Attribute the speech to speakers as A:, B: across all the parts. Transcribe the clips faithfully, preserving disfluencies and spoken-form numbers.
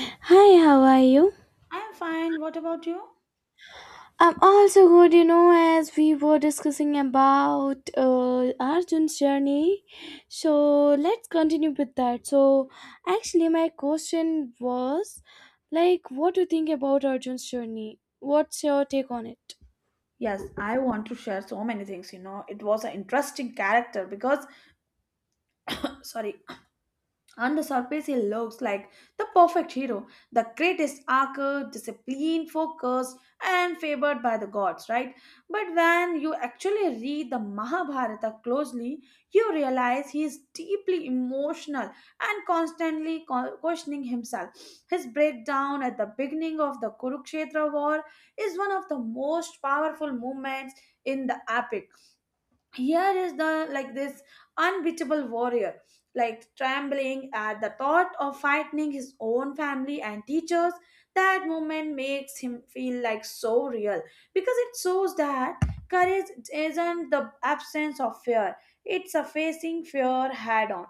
A: Hi, how are you?
B: I am fine. What about you?
A: I'm also good, you know, as we were discussing about uh, Arjun's journey. So let's continue with that. So, actually, my question was like, what do you think about Arjun's journey? What's your take on it?
B: Yes, I want to share so many things. You know, it was an interesting character because, sorry, on the surface, he looks like the perfect hero, the greatest archer, disciplined, focused, and favored by the gods, right? But when you actually read the Mahabharata closely, you realize he is deeply emotional and constantly co- questioning himself. His breakdown at the beginning of the Kurukshetra war is one of the most powerful moments in the epic. Here is the like this unbeatable warrior like trembling at the thought of frightening his own family and teachers. That moment makes him feel like so real because it shows that courage isn't the absence of fear, it's a facing fear head on.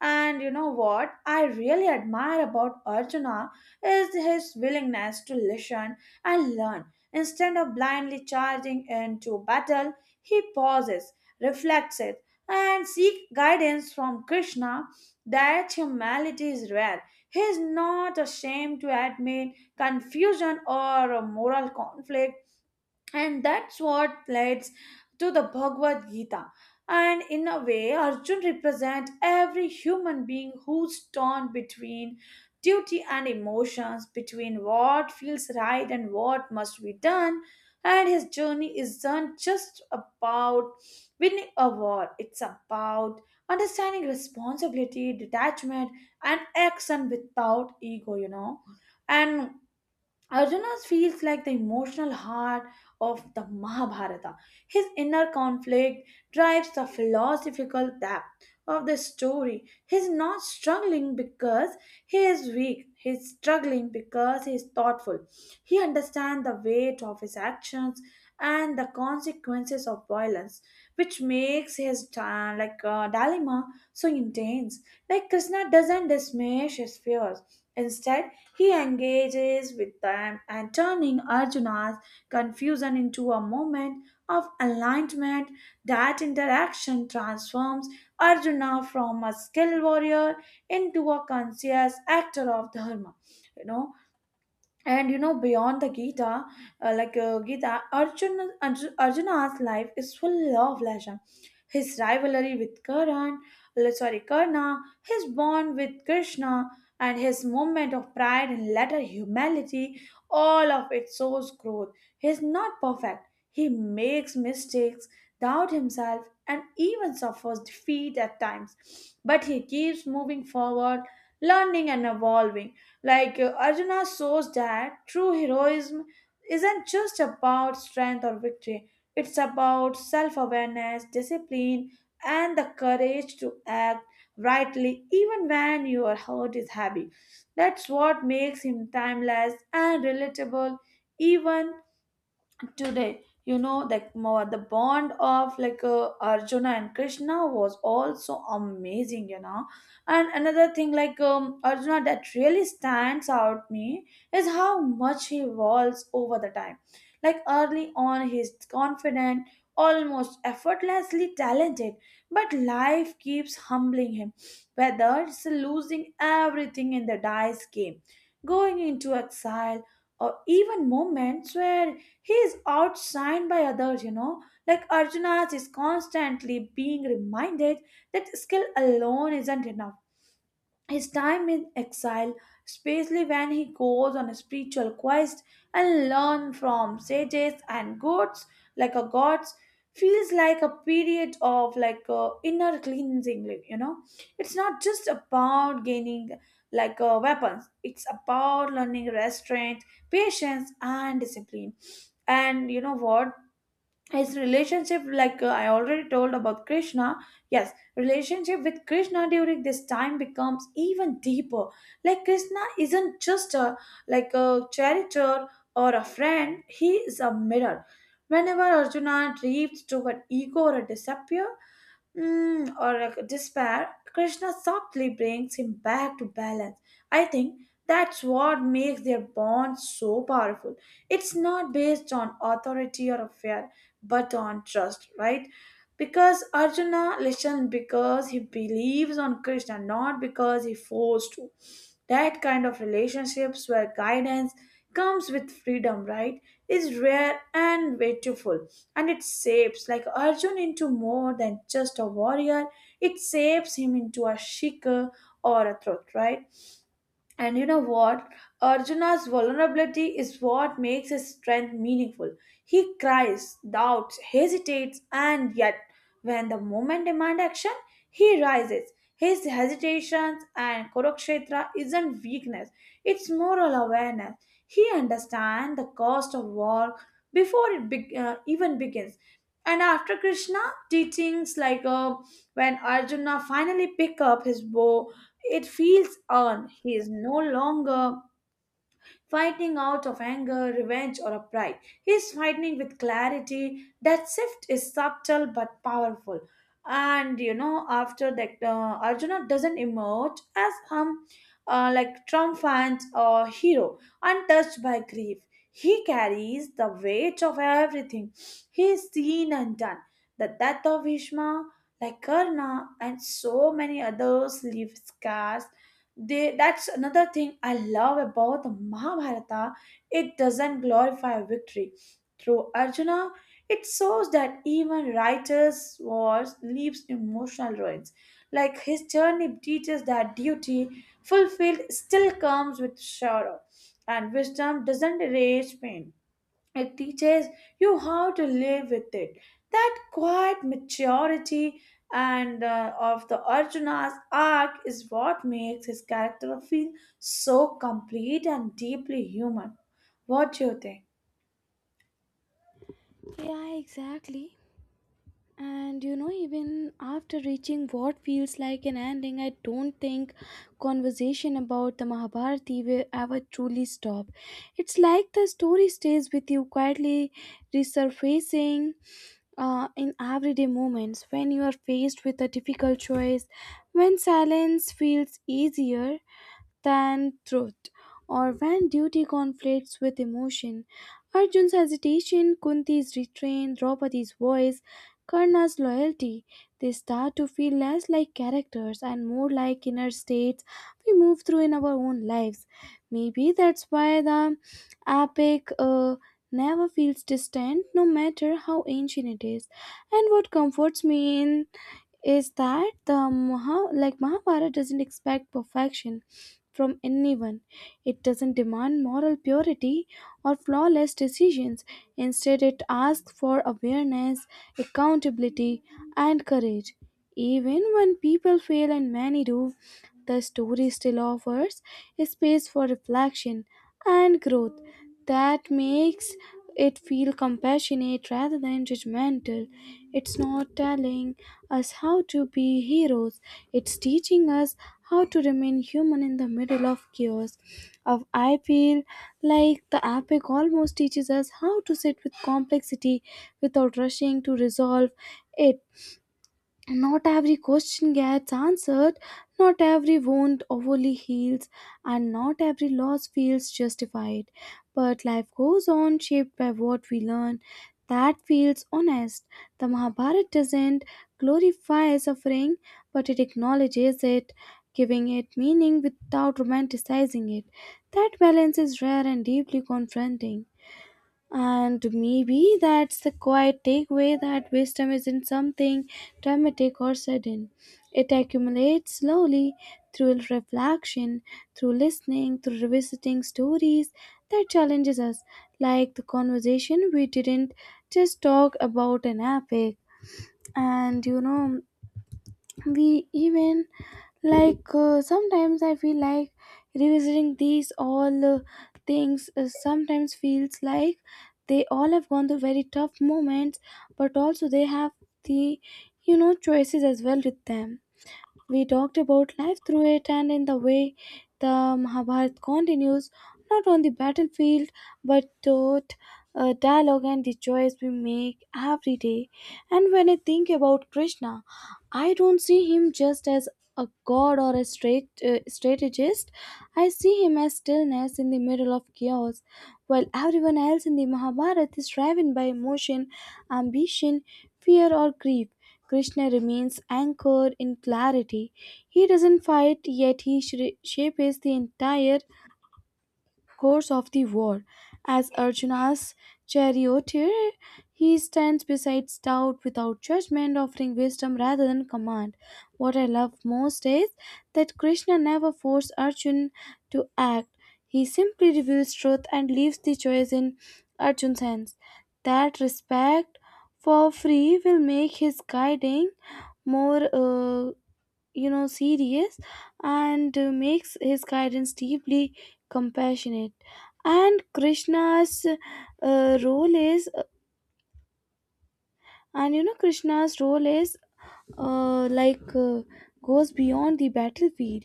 B: And you know what I really admire about Arjuna is his willingness to listen and learn. Instead of blindly charging into battle, he pauses, reflects it, and seeks guidance from Krishna. That humility is rare. He is not ashamed to admit confusion or a moral conflict, and that's what leads to the Bhagavad Gita. And in a way, Arjun represents every human being who's torn between duty and emotions, between what feels right and what must be done. And his journey isn't just about winning a war, it's about understanding responsibility, detachment, and action without ego, you know. And Arjuna feels like the emotional heart of the Mahabharata. His inner conflict drives the philosophical depth of the story. He's not struggling because he is weak. He's struggling because he is thoughtful. He understands the weight of his actions and the consequences of violence, which makes his uh, like uh, dilemma so intense. Like Krishna doesn't dismiss his fears. Instead, he engages with them and turning Arjuna's confusion into a moment of alignment. That interaction transforms Arjuna from a skilled warrior into a conscious actor of dharma. You know, and you know beyond the Gita, uh, like uh, gita arjuna Arju- Arjuna's life is full of leisure. His rivalry with karan uh, sorry Karna, his bond with Krishna, and his moment of pride and later humility, all of it shows growth. He is not perfect, he makes mistakes, doubts himself, and even suffers defeat at times, but he keeps moving forward, learning and evolving. like uh, Arjuna shows that true heroism isn't just about strength or victory, it's about self awareness, discipline, and the courage to act rightly even when your heart is heavy. That's what makes him timeless and relatable, even today, you know. Like more the bond of like uh, Arjuna and Krishna was also amazing, you know. And another thing like um, Arjuna that really stands out me is how much he evolves over the time. Like early on he's confident, almost effortlessly talented, but life keeps humbling him, whether it's losing everything in the dice game, going into exile, or even moments where he is outshined by others, you know. Like Arjuna is constantly being reminded that skill alone isn't enough. His time in exile, especially when he goes on a spiritual quest and learns from sages and gods, like a gods, feels like a period of like a inner cleansing. Like, you know, it's not just about gaining like uh, weapons; it's about learning restraint, patience, and discipline. And you know what? His relationship like uh, I already told about Krishna. Yes, relationship with Krishna during this time becomes even deeper. Like Krishna isn't just a like a character or a friend, he is a mirror. Whenever Arjuna drifts toward ego or disappear, mm, or a despair, Krishna softly brings him back to balance. I think that's what makes their bond so powerful. It's not based on authority or affair, but on trust, right? Because Arjuna listens because he believes on Krishna, not because he forced to. That kind of relationships where guidance comes with freedom, right, is rare and beautiful. And it shapes like Arjun into more than just a warrior, it shapes him into a seeker or a truth, right? And you know what? Arjuna's vulnerability is what makes his strength meaningful. He cries, doubts, hesitates, and yet, when the moment demand action, he rises. His hesitations and Kurukshetra isn't weakness, it's moral awareness. He understands the cost of war before it be- uh, even begins. And after Krishna, teachings like uh, when Arjuna finally pick up his bow, it feels earned. He is no longer fighting out of anger, revenge, or a pride. He is fighting with clarity. That shift is subtle but powerful. And you know, after that, uh, Arjuna doesn't emerge as um, uh, like triumphant or hero, untouched by grief. He carries the weight of everything he is seen and done. The death of Bhishma, like Karna, and so many others leave scars. They that's another thing I love about the Mahabharata. It doesn't glorify victory through Arjuna. It shows that even writers wars leaves emotional ruins. Like his journey teaches that duty fulfilled still comes with sorrow, and wisdom doesn't erase pain, it teaches you how to live with it. That quiet maturity and uh, of the Arjuna's arc is what makes his character feel so complete and deeply human. What do you think?
A: Yeah, exactly. And you know, even after reaching what feels like an ending, I don't think conversation about the Mahabharati will ever truly stop. It's like the story stays with you quietly, resurfacing uh, in everyday moments when you are faced with a difficult choice, when silence feels easier than truth, or when duty conflicts with emotion. Arjun's hesitation, Kunti's restraint, Draupadi's voice, Karna's loyalty, they start to feel less like characters and more like inner states we move through in our own lives. Maybe that's why the epic uh, never feels distant, no matter how ancient it is. And what comforts me in is that the Maha, like Mahabharata doesn't expect perfection from anyone. It doesn't demand moral purity or flawless decisions. Instead, it asks for awareness, accountability, and courage. Even when people fail, and many do, the story still offers a space for reflection and growth that makes it feel compassionate rather than judgmental. It's not telling us how to be heroes, it's teaching us how to remain human in the middle of chaos. Of I feel like the epic almost teaches us how to sit with complexity without rushing to resolve it. Not every question gets answered, not every wound overly heals, and not every loss feels justified. But life goes on, shaped by what we learn. That feels honest. The Mahabharata doesn't glorify suffering, but it acknowledges it, giving it meaning without romanticizing it. That balance is rare and deeply confronting. And maybe that's the quiet takeaway, that wisdom isn't something dramatic or sudden. It accumulates slowly through reflection, through listening, through revisiting stories that challenges us, like the conversation we didn't just talk about an epic. And you know, we even like uh, sometimes I feel like revisiting these all uh, things uh, sometimes feels like they all have gone through very tough moments, but also they have the, you know, choices as well with them. We talked about life through it, and in the way the Mahabharata continues, not on the battlefield but taught uh, dialogue and the choice we make every day. And when I think about Krishna, I don't see him just as a god or a straight uh, strategist. I see him as stillness in the middle of chaos, while everyone else in the Mahabharata is driven by emotion, ambition, fear, or grief. Krishna remains anchored in clarity. He doesn't fight, yet he shri- shapes the entire course of the war. As Arjuna's charioteer, he stands beside doubt without judgment, offering wisdom rather than command. What I love most is that Krishna never forced Arjun to act. He simply reveals truth and leaves the choice in Arjun's hands. That respect for free will make his guiding more uh, you know, serious, and uh, makes his guidance deeply compassionate. And krishna's uh, role is and you know, Krishna's role is, uh, like uh, goes beyond the battlefield.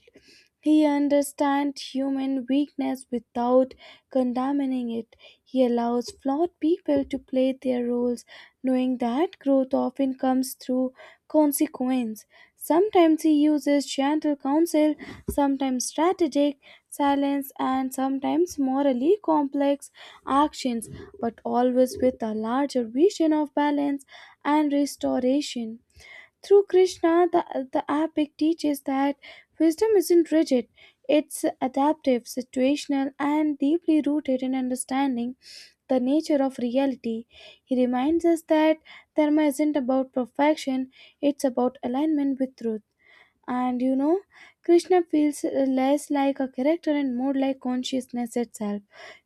A: He understands human weakness without condemning it. He allows flawed people to play their roles, knowing that growth often comes through consequence. Sometimes he uses gentle counsel, sometimes strategic silence, and sometimes morally complex actions, but always with a larger vision of balance and restoration. Through Krishna, the, the epic teaches that wisdom isn't rigid, it's adaptive, situational, and deeply rooted in understanding the nature of reality. He reminds us that dharma isn't about perfection, it's about alignment with truth. And you know, Krishna feels uh, less like a character and more like consciousness itself,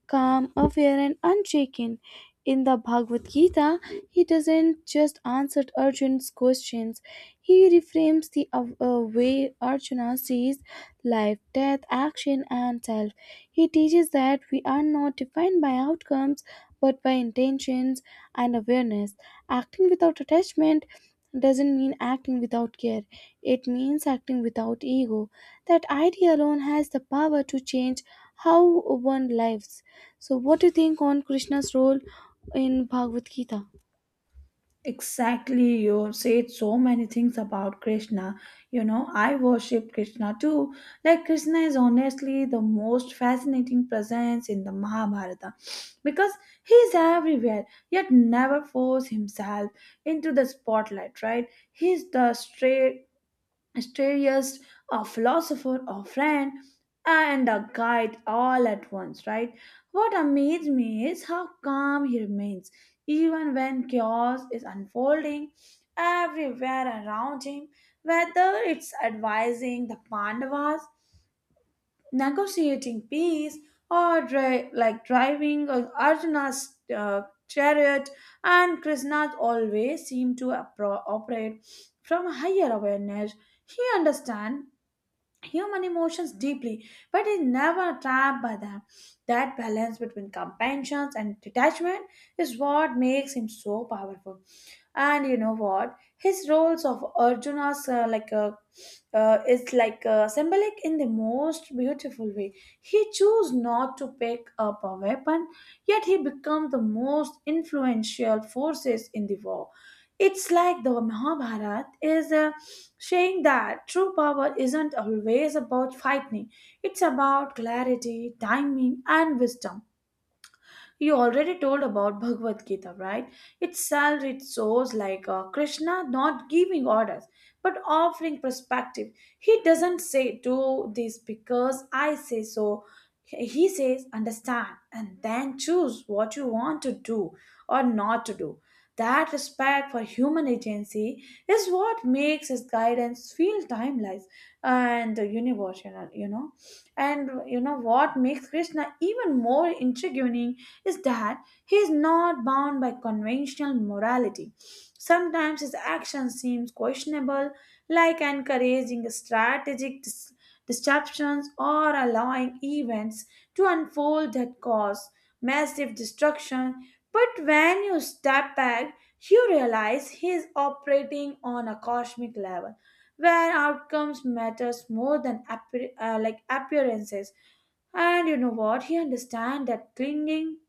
A: calm, aware, and unshaken. In the Bhagavad Gita, he doesn't just answer Arjuna's questions. He reframes the uh, uh, way Arjuna sees life, death, action, and self. He teaches that we are not defined by outcomes but by intentions and awareness. Acting without attachment doesn't mean acting without care, it means acting without ego. That idea alone has the power to change how one lives. So, what do you think on Krishna's role in Bhagavad Gita?
B: Exactly, you said so many things about Krishna. You know, I worship Krishna too. Like, Krishna is honestly the most fascinating presence in the Mahabharata because he is everywhere, yet never force himself into the spotlight, right? He's the straight strategist, a philosopher, a friend, and a guide all at once, right? What amazed me is how calm he remains, even when chaos is unfolding everywhere around him, whether it's advising the Pandavas, negotiating peace, or dri- like driving or Arjuna's uh, chariot. And Krishna always seemed to appro- operate from a higher awareness. He understand human emotions deeply, but is never trapped by them. That balance between compassion and detachment is what makes him so powerful. And you know what? His roles of Arjuna's uh, like uh, uh, is like uh, symbolic in the most beautiful way. He chose not to pick up a weapon, yet he became the most influential forces in the war. It's like the Mahabharata is uh, saying that true power isn't always about fighting, it's about clarity, timing, and wisdom. You already told about Bhagavad Gita, right? Itself, it shows like uh, Krishna not giving orders but offering perspective. He doesn't say, "Do this because I say so." He says, "Understand and then choose what you want to do or not to do." That respect for human agency is what makes his guidance feel timeless and universal, you know. And you know what makes Krishna even more intriguing is that he is not bound by conventional morality. Sometimes his action seems questionable, like encouraging strategic dis- disruptions or allowing events to unfold that cause massive destruction. But when you step back, you realize he is operating on a cosmic level where outcomes matters more than appear- uh, like appearances. And you know what? He understands that clinging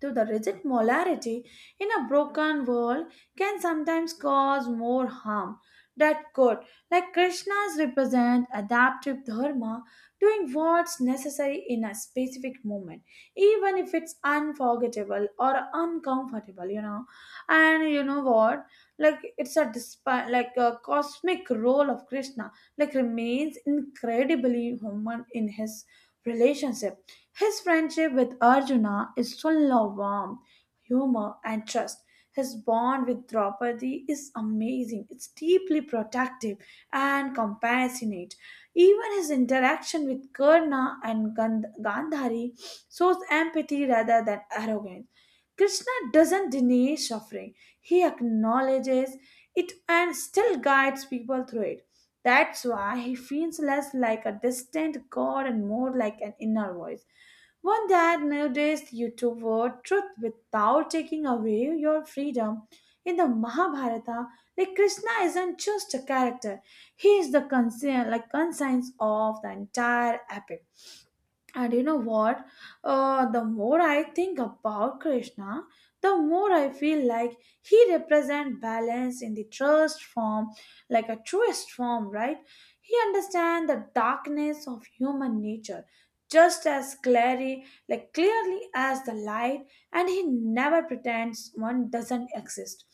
B: to the rigid molarity in a broken world can sometimes cause more harm that good. Like Krishna's represent adaptive dharma, doing what's necessary in a specific moment even if it's unforgettable or uncomfortable, you know. And you know what, like it's a despite like a cosmic role of Krishna, like remains incredibly human in his relationship. His friendship with Arjuna is full of warmth, humor, and trust. His bond with Draupadi is amazing. It's deeply protective and compassionate. Even his interaction with Karna and Gand- Gandhari shows empathy rather than arrogance. Krishna doesn't deny suffering, he acknowledges it and still guides people through it. That's why he feels less like a distant god and more like an inner voice. One that nudges you toward truth without taking away your freedom. In the Mahabharata, like Krishna isn't just a character, he is the conscience, like conscience of the entire epic. And you know what? Uh, the more I think about Krishna, the more I feel like he represents balance in the truest form, like a truest form, right? He understands the darkness of human nature just as clearly, like clearly as the light, and he never pretends one doesn't exist.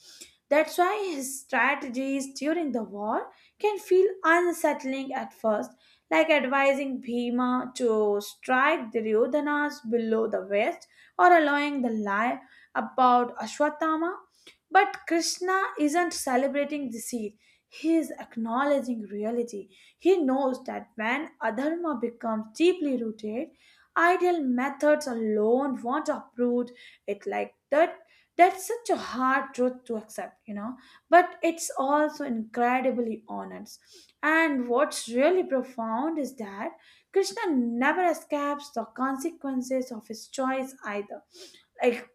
B: That's why his strategies during the war can feel unsettling at first, like advising Bhima to strike Duryodhana's below the waist, or allowing the lie about Ashwatthama. But Krishna isn't celebrating deceit. He is acknowledging reality. He knows that when adharma becomes deeply rooted, ideal methods alone won't uproot it like that. That's such a hard truth to accept, you know, but it's also incredibly honest. And what's really profound is that Krishna never escapes the consequences of his choice either. Like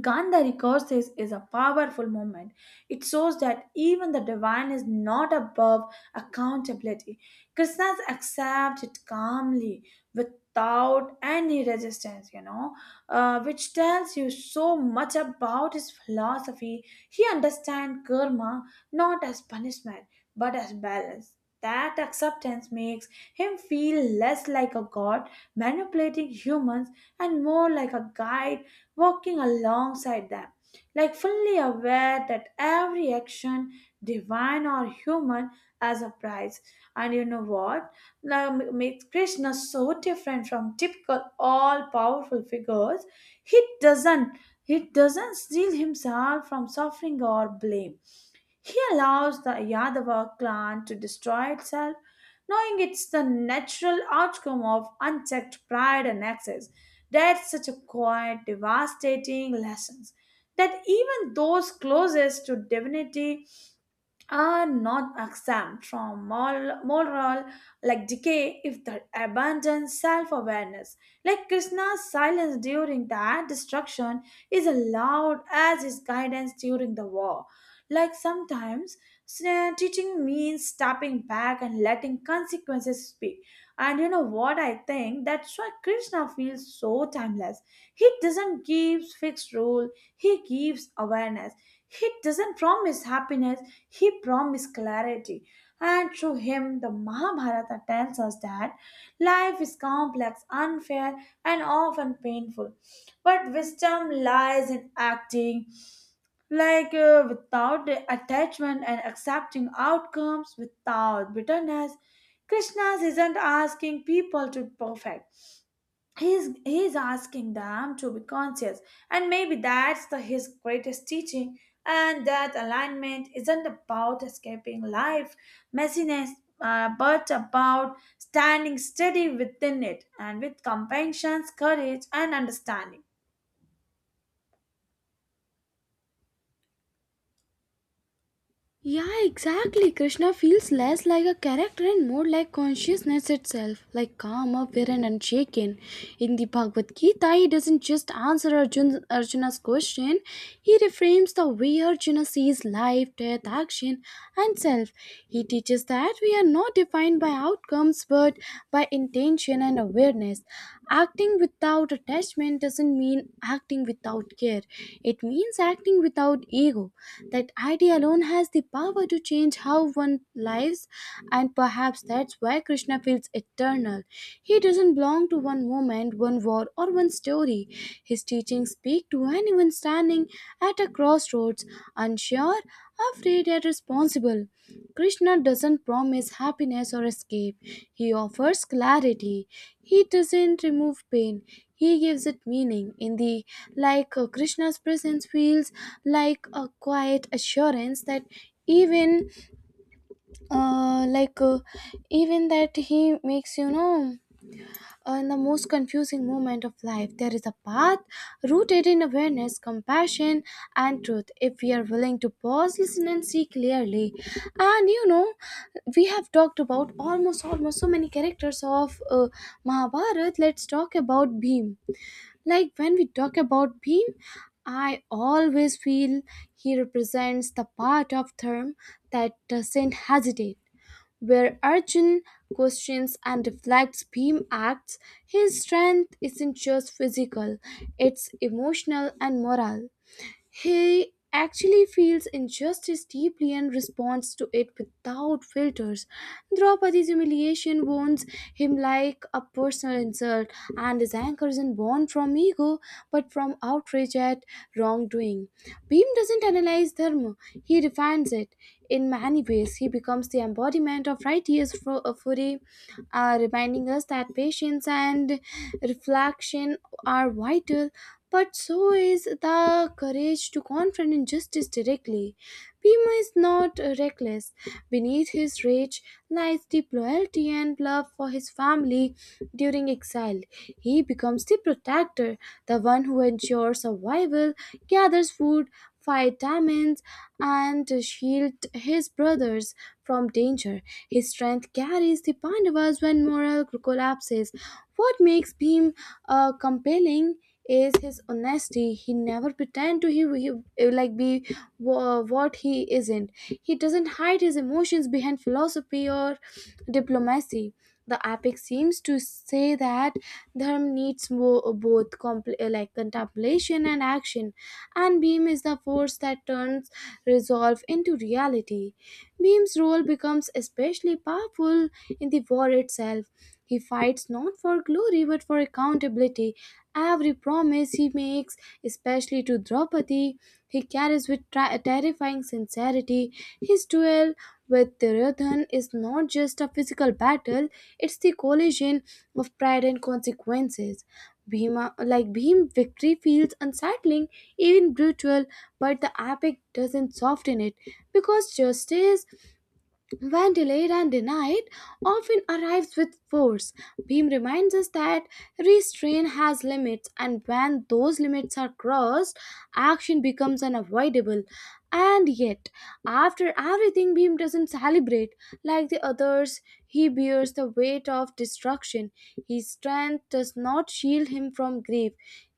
B: Gandhari courses is a powerful movement. It shows that even the divine is not above accountability. Krishna accepts it calmly without any resistance, you know, uh, which tells you so much about his philosophy. He understands karma not as punishment but as balance. That acceptance makes him feel less like a god manipulating humans and more like a guide walking alongside them, like fully aware that every action, divine or human, has a price. And you know what? Now m- makes Krishna so different from typical all-powerful figures. He doesn't he doesn't steal himself from suffering or blame. He allows the Yadava clan to destroy itself, knowing it's the natural outcome of unchecked pride and excess. That's such a quiet, devastating lesson that even those closest to divinity are not exempt from moral, moral like decay if they abandon self-awareness. Like Krishna's silence during that destruction is allowed as his guidance during the war. Like sometimes s- teaching means stepping back and letting consequences speak. And you know what, I think that's why Krishna feels so timeless. He doesn't give fixed rule, he gives awareness. He doesn't promise happiness, he promised clarity, and through him, the Mahabharata tells us that life is complex, unfair, and often painful. But wisdom lies in acting, like uh, without attachment and accepting outcomes without bitterness. Krishna isn't asking people to perfect, he's he's asking them to be conscious, and maybe that's the his greatest teaching, and that alignment isn't about escaping life messiness, uh, but about standing steady within it and with compassion, courage and understanding.
A: Yeah, exactly. Krishna feels less like a character and more like consciousness itself, like calm, apparent, and shaken. In the Bhagavad Gita, he doesn't just answer Arjun, Arjuna's question. He reframes the way Arjuna sees life, death, action, and self. He teaches that we are not defined by outcomes but by intention and awareness. Acting without attachment doesn't mean acting without care, it means acting without ego. That idea alone has the power to change how one lives, and perhaps that's why Krishna feels eternal. He doesn't belong to one moment, one war, or one story. His teachings speak to anyone standing at a crossroads, unsure, afraid, yet responsible. Krishna doesn't promise happiness or escape, he offers clarity. He doesn't remove pain, he gives it meaning. In the like uh, Krishna's presence feels like a quiet assurance that even uh, like uh, even that he makes, you know, uh, in the most confusing moment of life, there is a path rooted in awareness, compassion, and truth, if we are willing to pause, listen, and see clearly. And you know, we have talked about almost almost so many characters of uh, Mahabharata. Let's talk about Bhim. Like when we talk about Bhim, I always feel he represents the part of Dharma that doesn't hesitate. Where Arjun questions and deflects, Bhim acts. His strength isn't just physical, it's emotional and moral. He actually feels injustice deeply and responds to it without filters. Draupadi's humiliation wounds him like a personal insult, and his anger isn't born from ego but from outrage at wrongdoing. Bhim doesn't analyze dharma, he defines it. In many ways, he becomes the embodiment of righteous fu- uh, fury, uh, reminding us that patience and reflection are vital, but so is the courage to confront injustice directly. Bhima is not uh, reckless. Beneath his rage lies deep loyalty and love for his family during exile. He becomes the protector, the one who ensures survival, gathers food, fight demons, and shield his brothers from danger. His strength carries the Pandavas when morale collapses. What makes Bhim uh, compelling is his honesty. He never pretend to he, he- like be wha- what he isn't. He doesn't hide his emotions behind philosophy or diplomacy. The epic seems to say that dharma needs mo- both compl- uh, like contemplation and action, and beam is the force that turns resolve into reality. Bhim's role becomes especially powerful in the war itself. He fights not for glory but for accountability. Every promise he makes, especially to Draupadi, he carries with tra- terrifying sincerity. His duel with Duryodhan is not just a physical battle, it's the collision of pride and consequences. Bhima, like Bhim, victory feels unsettling, even brutal, but the epic doesn't soften it because justice, when delayed and denied, often arrives with force. Beam reminds us that restraint has limits, and when those limits are crossed, action becomes unavoidable. And yet, after everything, Beam doesn't celebrate. Like the others, he bears the weight of destruction. His strength does not shield him from grief,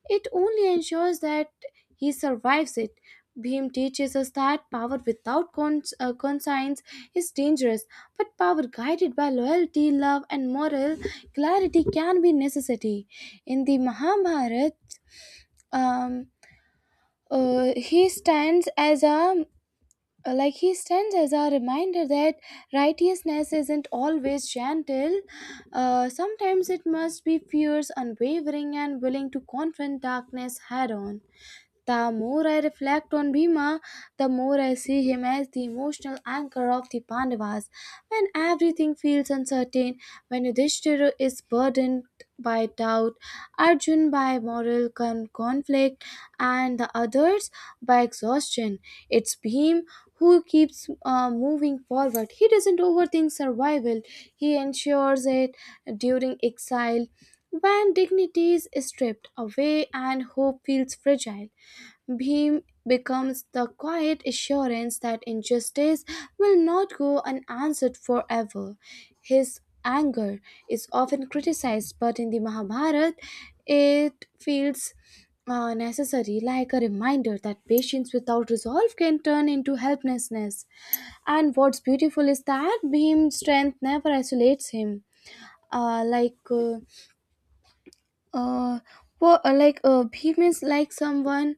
A: it only ensures that he survives it. Bhim teaches us that power without cons- uh, conscience is dangerous, but power guided by loyalty, love, and moral clarity can be necessity. In the Mahabharata, um, uh, he stands as a like he stands as a reminder that righteousness isn't always gentle. Uh, sometimes it must be fierce, unwavering, and willing to confront darkness head on. The more I reflect on Bhima, the more I see him as the emotional anchor of the Pandavas. When everything feels uncertain, when Yudhishthira is burdened by doubt, Arjun by moral con- conflict, and the others by exhaustion, it's Bhim who keeps uh, moving forward. He doesn't overthink survival, he ensures it during exile. When dignity is stripped away and hope feels fragile, Bhim becomes the quiet assurance that injustice will not go unanswered forever. His anger is often criticized, but in the Mahabharata, it feels uh, necessary, like a reminder that patience without resolve can turn into helplessness. And what's beautiful is that Bhim's strength never isolates him. Uh, like uh, uh well uh, like uh he means like someone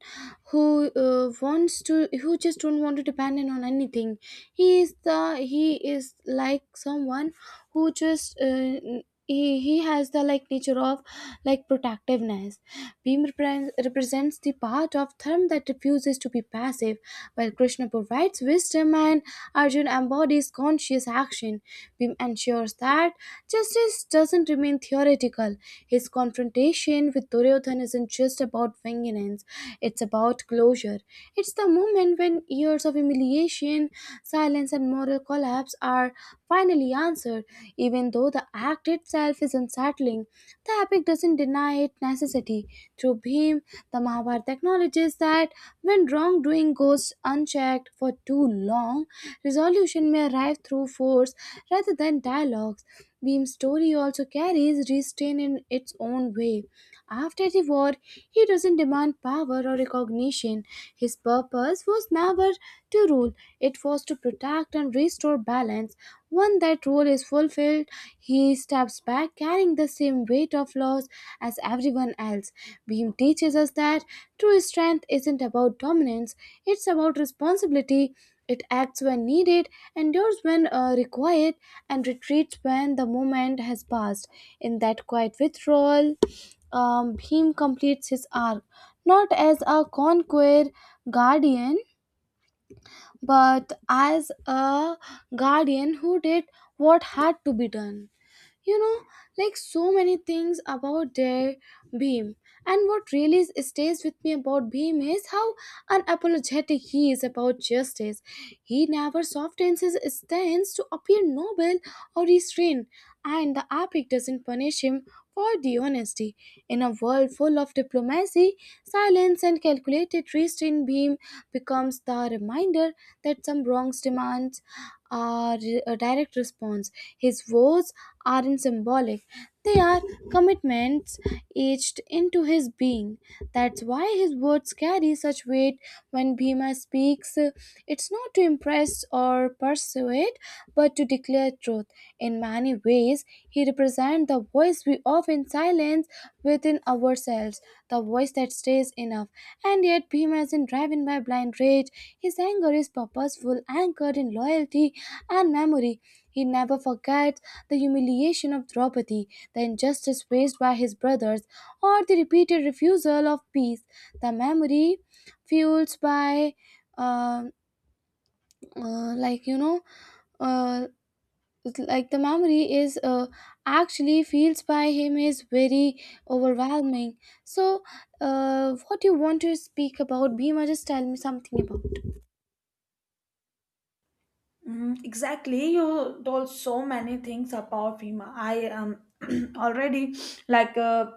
A: who uh, wants to, who just don't want to depend on anything. He is the he is like someone who just, uh, he, he has the like nature of like protectiveness. Beam repre- represents the part of dharma that refuses to be passive, while Krishna provides wisdom and Arjun embodies conscious action. Bhim ensures that justice doesn't remain theoretical. His confrontation with Duryodhan isn't just about vengeance, it's about closure. It's the moment when years of humiliation, silence, and moral collapse are finally answered. Even though the act itself is unsettling, the epic doesn't deny its necessity. Through Bhim, the Mahabharata acknowledges that when wrongdoing goes unchecked for too long, resolution may arrive through force rather than dialogues. Beam's story also carries restraint in its own way. After the war, he doesn't demand power or recognition. His purpose was never to rule, it was to protect and restore balance. When that role is fulfilled, he steps back, carrying the same weight of loss as everyone else. Beam teaches us that true strength isn't about dominance, it's about responsibility. It acts when needed, endures when uh, required, and retreats when the moment has passed. In that quiet withdrawal, um, Bhim completes his arc not as a conqueror guardian, but as a guardian who did what had to be done. You know, like so many things about their Beam. And what really stays with me about Beam is how unapologetic he is about justice. He never softens his stance to appear noble or restrained, and the epic doesn't punish him for the honesty. In a world full of diplomacy, silence and calculated restraint, beam becomes the reminder that some wrongs demands are a direct response. His woes aren't symbolic, they are commitment statements etched into his being. That's why his words carry such weight. When Bhima speaks, uh, it's not to impress or persuade, but to declare truth. In many ways, he represents the voice we often silence within ourselves, the voice that stays enough. And yet, Bhima isn't driven by blind rage. His anger is purposeful, anchored in loyalty and memory. He never forgets the humiliation of Draupadi, the injustice faced by his brothers, or the repeated refusal of peace. The memory fuels by, uh, uh, like you know, uh, like the memory is, uh, actually feels by him, is very overwhelming. So, uh, what you want to speak about? Bhima, just tell me something about.
B: Mhm. Exactly, you told so many things about FEMA. I um already like uh,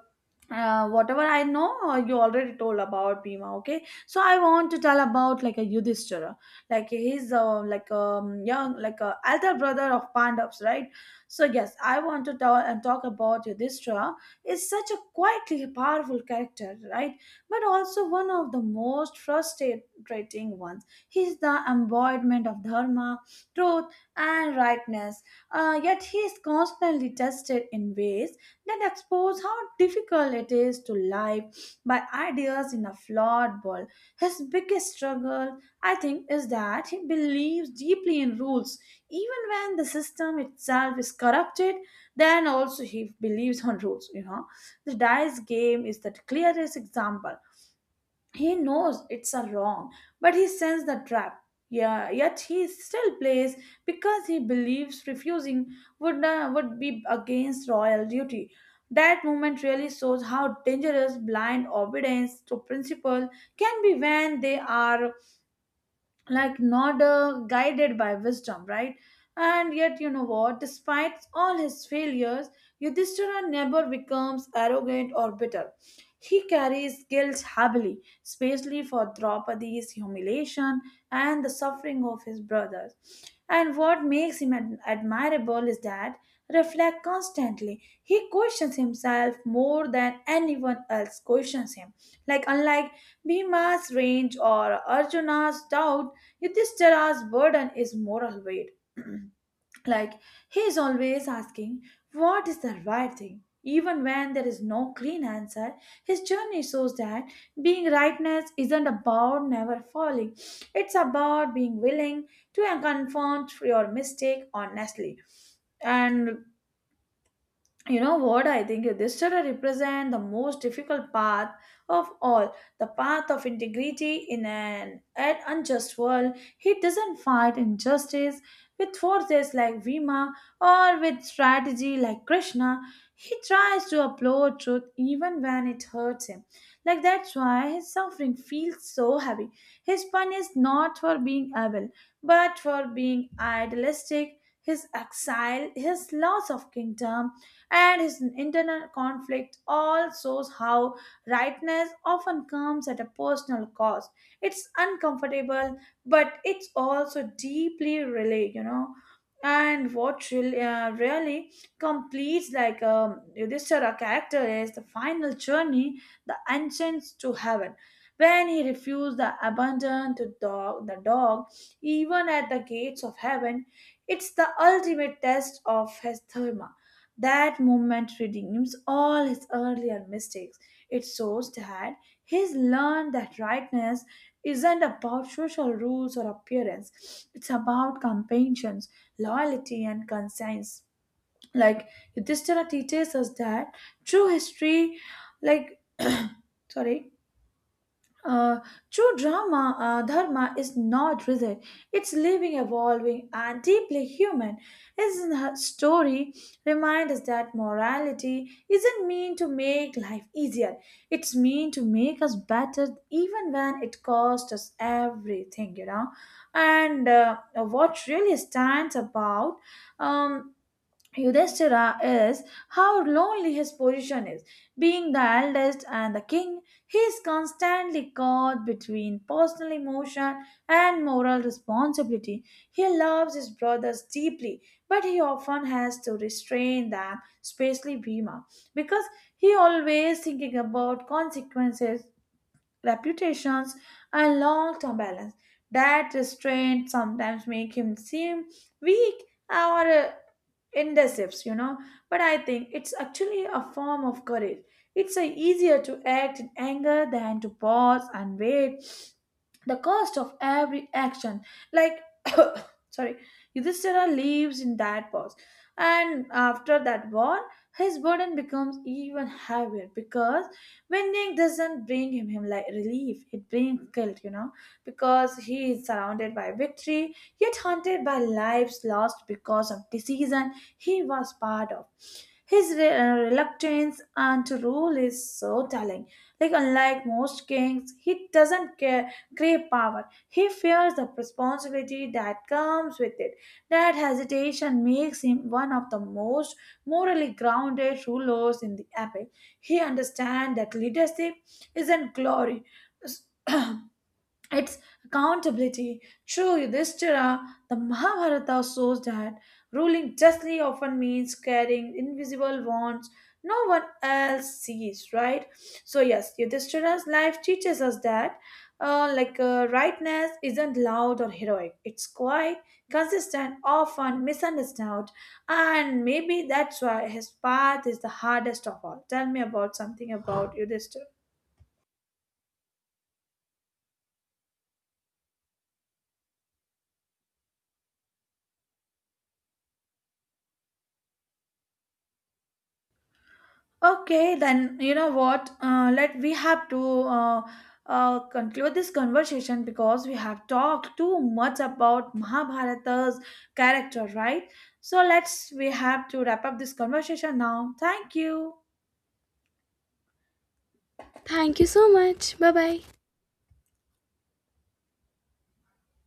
B: uh, whatever I know, uh, you already told about Bhima. Okay, so I want to tell about like a Yudhishthira. Like he's uh, like um young, like a elder brother of Pandavas, right? So yes, I want to tell and talk about Yudhishthira. Is such a quietly powerful character, right? But also one of the most frustrating ones. He's the embodiment of dharma, truth, and rightness. Uh, yet he is constantly tested in ways that expose how difficult it is to live by ideas in a flawed world. His biggest struggle, I think, is that he believes deeply in rules, even when the system itself is corrupted. Then also he believes on rules. You know, the dice game is the clearest example. He knows it's a wrong, but he sends the trap. Yeah, yet he still plays because he believes refusing would uh, would be against royal duty. That moment really shows how dangerous blind obedience to principle can be when they are like not uh, guided by wisdom, right? And yet, you know what, despite all his failures, Yudhishthira never becomes arrogant or bitter. He carries guilt heavily, especially for Draupadi's humiliation and the suffering of his brothers. And what makes him ad- admirable is that reflect constantly, he questions himself more than anyone else questions him. Like unlike Bhima's range or Arjuna's doubt, Yudhishthira's burden is moral weight. Like he is always asking, what is the right thing? Even when there is no clean answer, his journey shows that being rightness isn't about never falling. It's about being willing to confront your mistake honestly. And you know what, I think this study represent the most difficult path of all, the path of integrity in an, an unjust world. He doesn't fight injustice with forces like Vima, or with strategy like Krishna. He tries to upload truth even when it hurts him. Like that's why his suffering feels so heavy. His pun is not for being evil but for being idealistic. His exile, his loss of kingdom, and his internal conflict all shows how rightness often comes at a personal cost. It's uncomfortable, but it's also deeply really, you know. And what really, uh, really completes like um, Yudhishthira character is the final journey, the ascent to heaven. When he refused the abandon to dog, the dog, even at the gates of heaven, it's the ultimate test of his dharma. That moment redeems all his earlier mistakes. It shows that he's learned that rightness isn't about social rules or appearance, it's about compassion, loyalty, and conscience. Like Yudhishthira teaches us that true history, like sorry, uh, true drama, uh, dharma is not rigid. It's living, evolving, and deeply human. Isn't her story remind us that morality isn't mean to make life easier. It's mean to make us better, even when it costs us everything, you know. And uh, what really stands about um, Yudhishthira is how lonely his position is. Being the eldest and the king, he is constantly caught between personal emotion and moral responsibility. He loves his brothers deeply, but he often has to restrain them, especially Bhima, because he always thinking about consequences, reputations, and long-term balance. That restraint sometimes make him seem weak or uh, indecisive, you know. But I think it's actually a form of courage. It's uh, easier to act in anger than to pause and wait. The cost of every action, like sorry, Yudhishthira lives in that pause, and after that war, his burden becomes even heavier because winning doesn't bring him, him like relief, it brings guilt, you know, because he is surrounded by victory, yet haunted by lives lost because of decision he was part of. His re- uh, reluctance and to rule is so telling. Like unlike most kings, he doesn't care, crave power. He fears the responsibility that comes with it. That hesitation makes him one of the most morally grounded rulers in the epic. He understands that leadership isn't glory. It's accountability. True Yudhishthira, the Mahabharata shows that ruling justly often means carrying invisible wands no one else sees, right? So, yes, Yudhishthira's life teaches us that. Uh, like uh, rightness isn't loud or heroic, it's quiet, consistent, often misunderstood, and maybe that's why his path is the hardest of all. Tell me about something about Yudhishthira. Okay, then you know what? Uh, let we have to uh, uh, conclude this conversation because we have talked too much about Mahabharata's character, right? So let's we have to wrap up this conversation now. Thank you.
A: Thank you so much. Bye bye.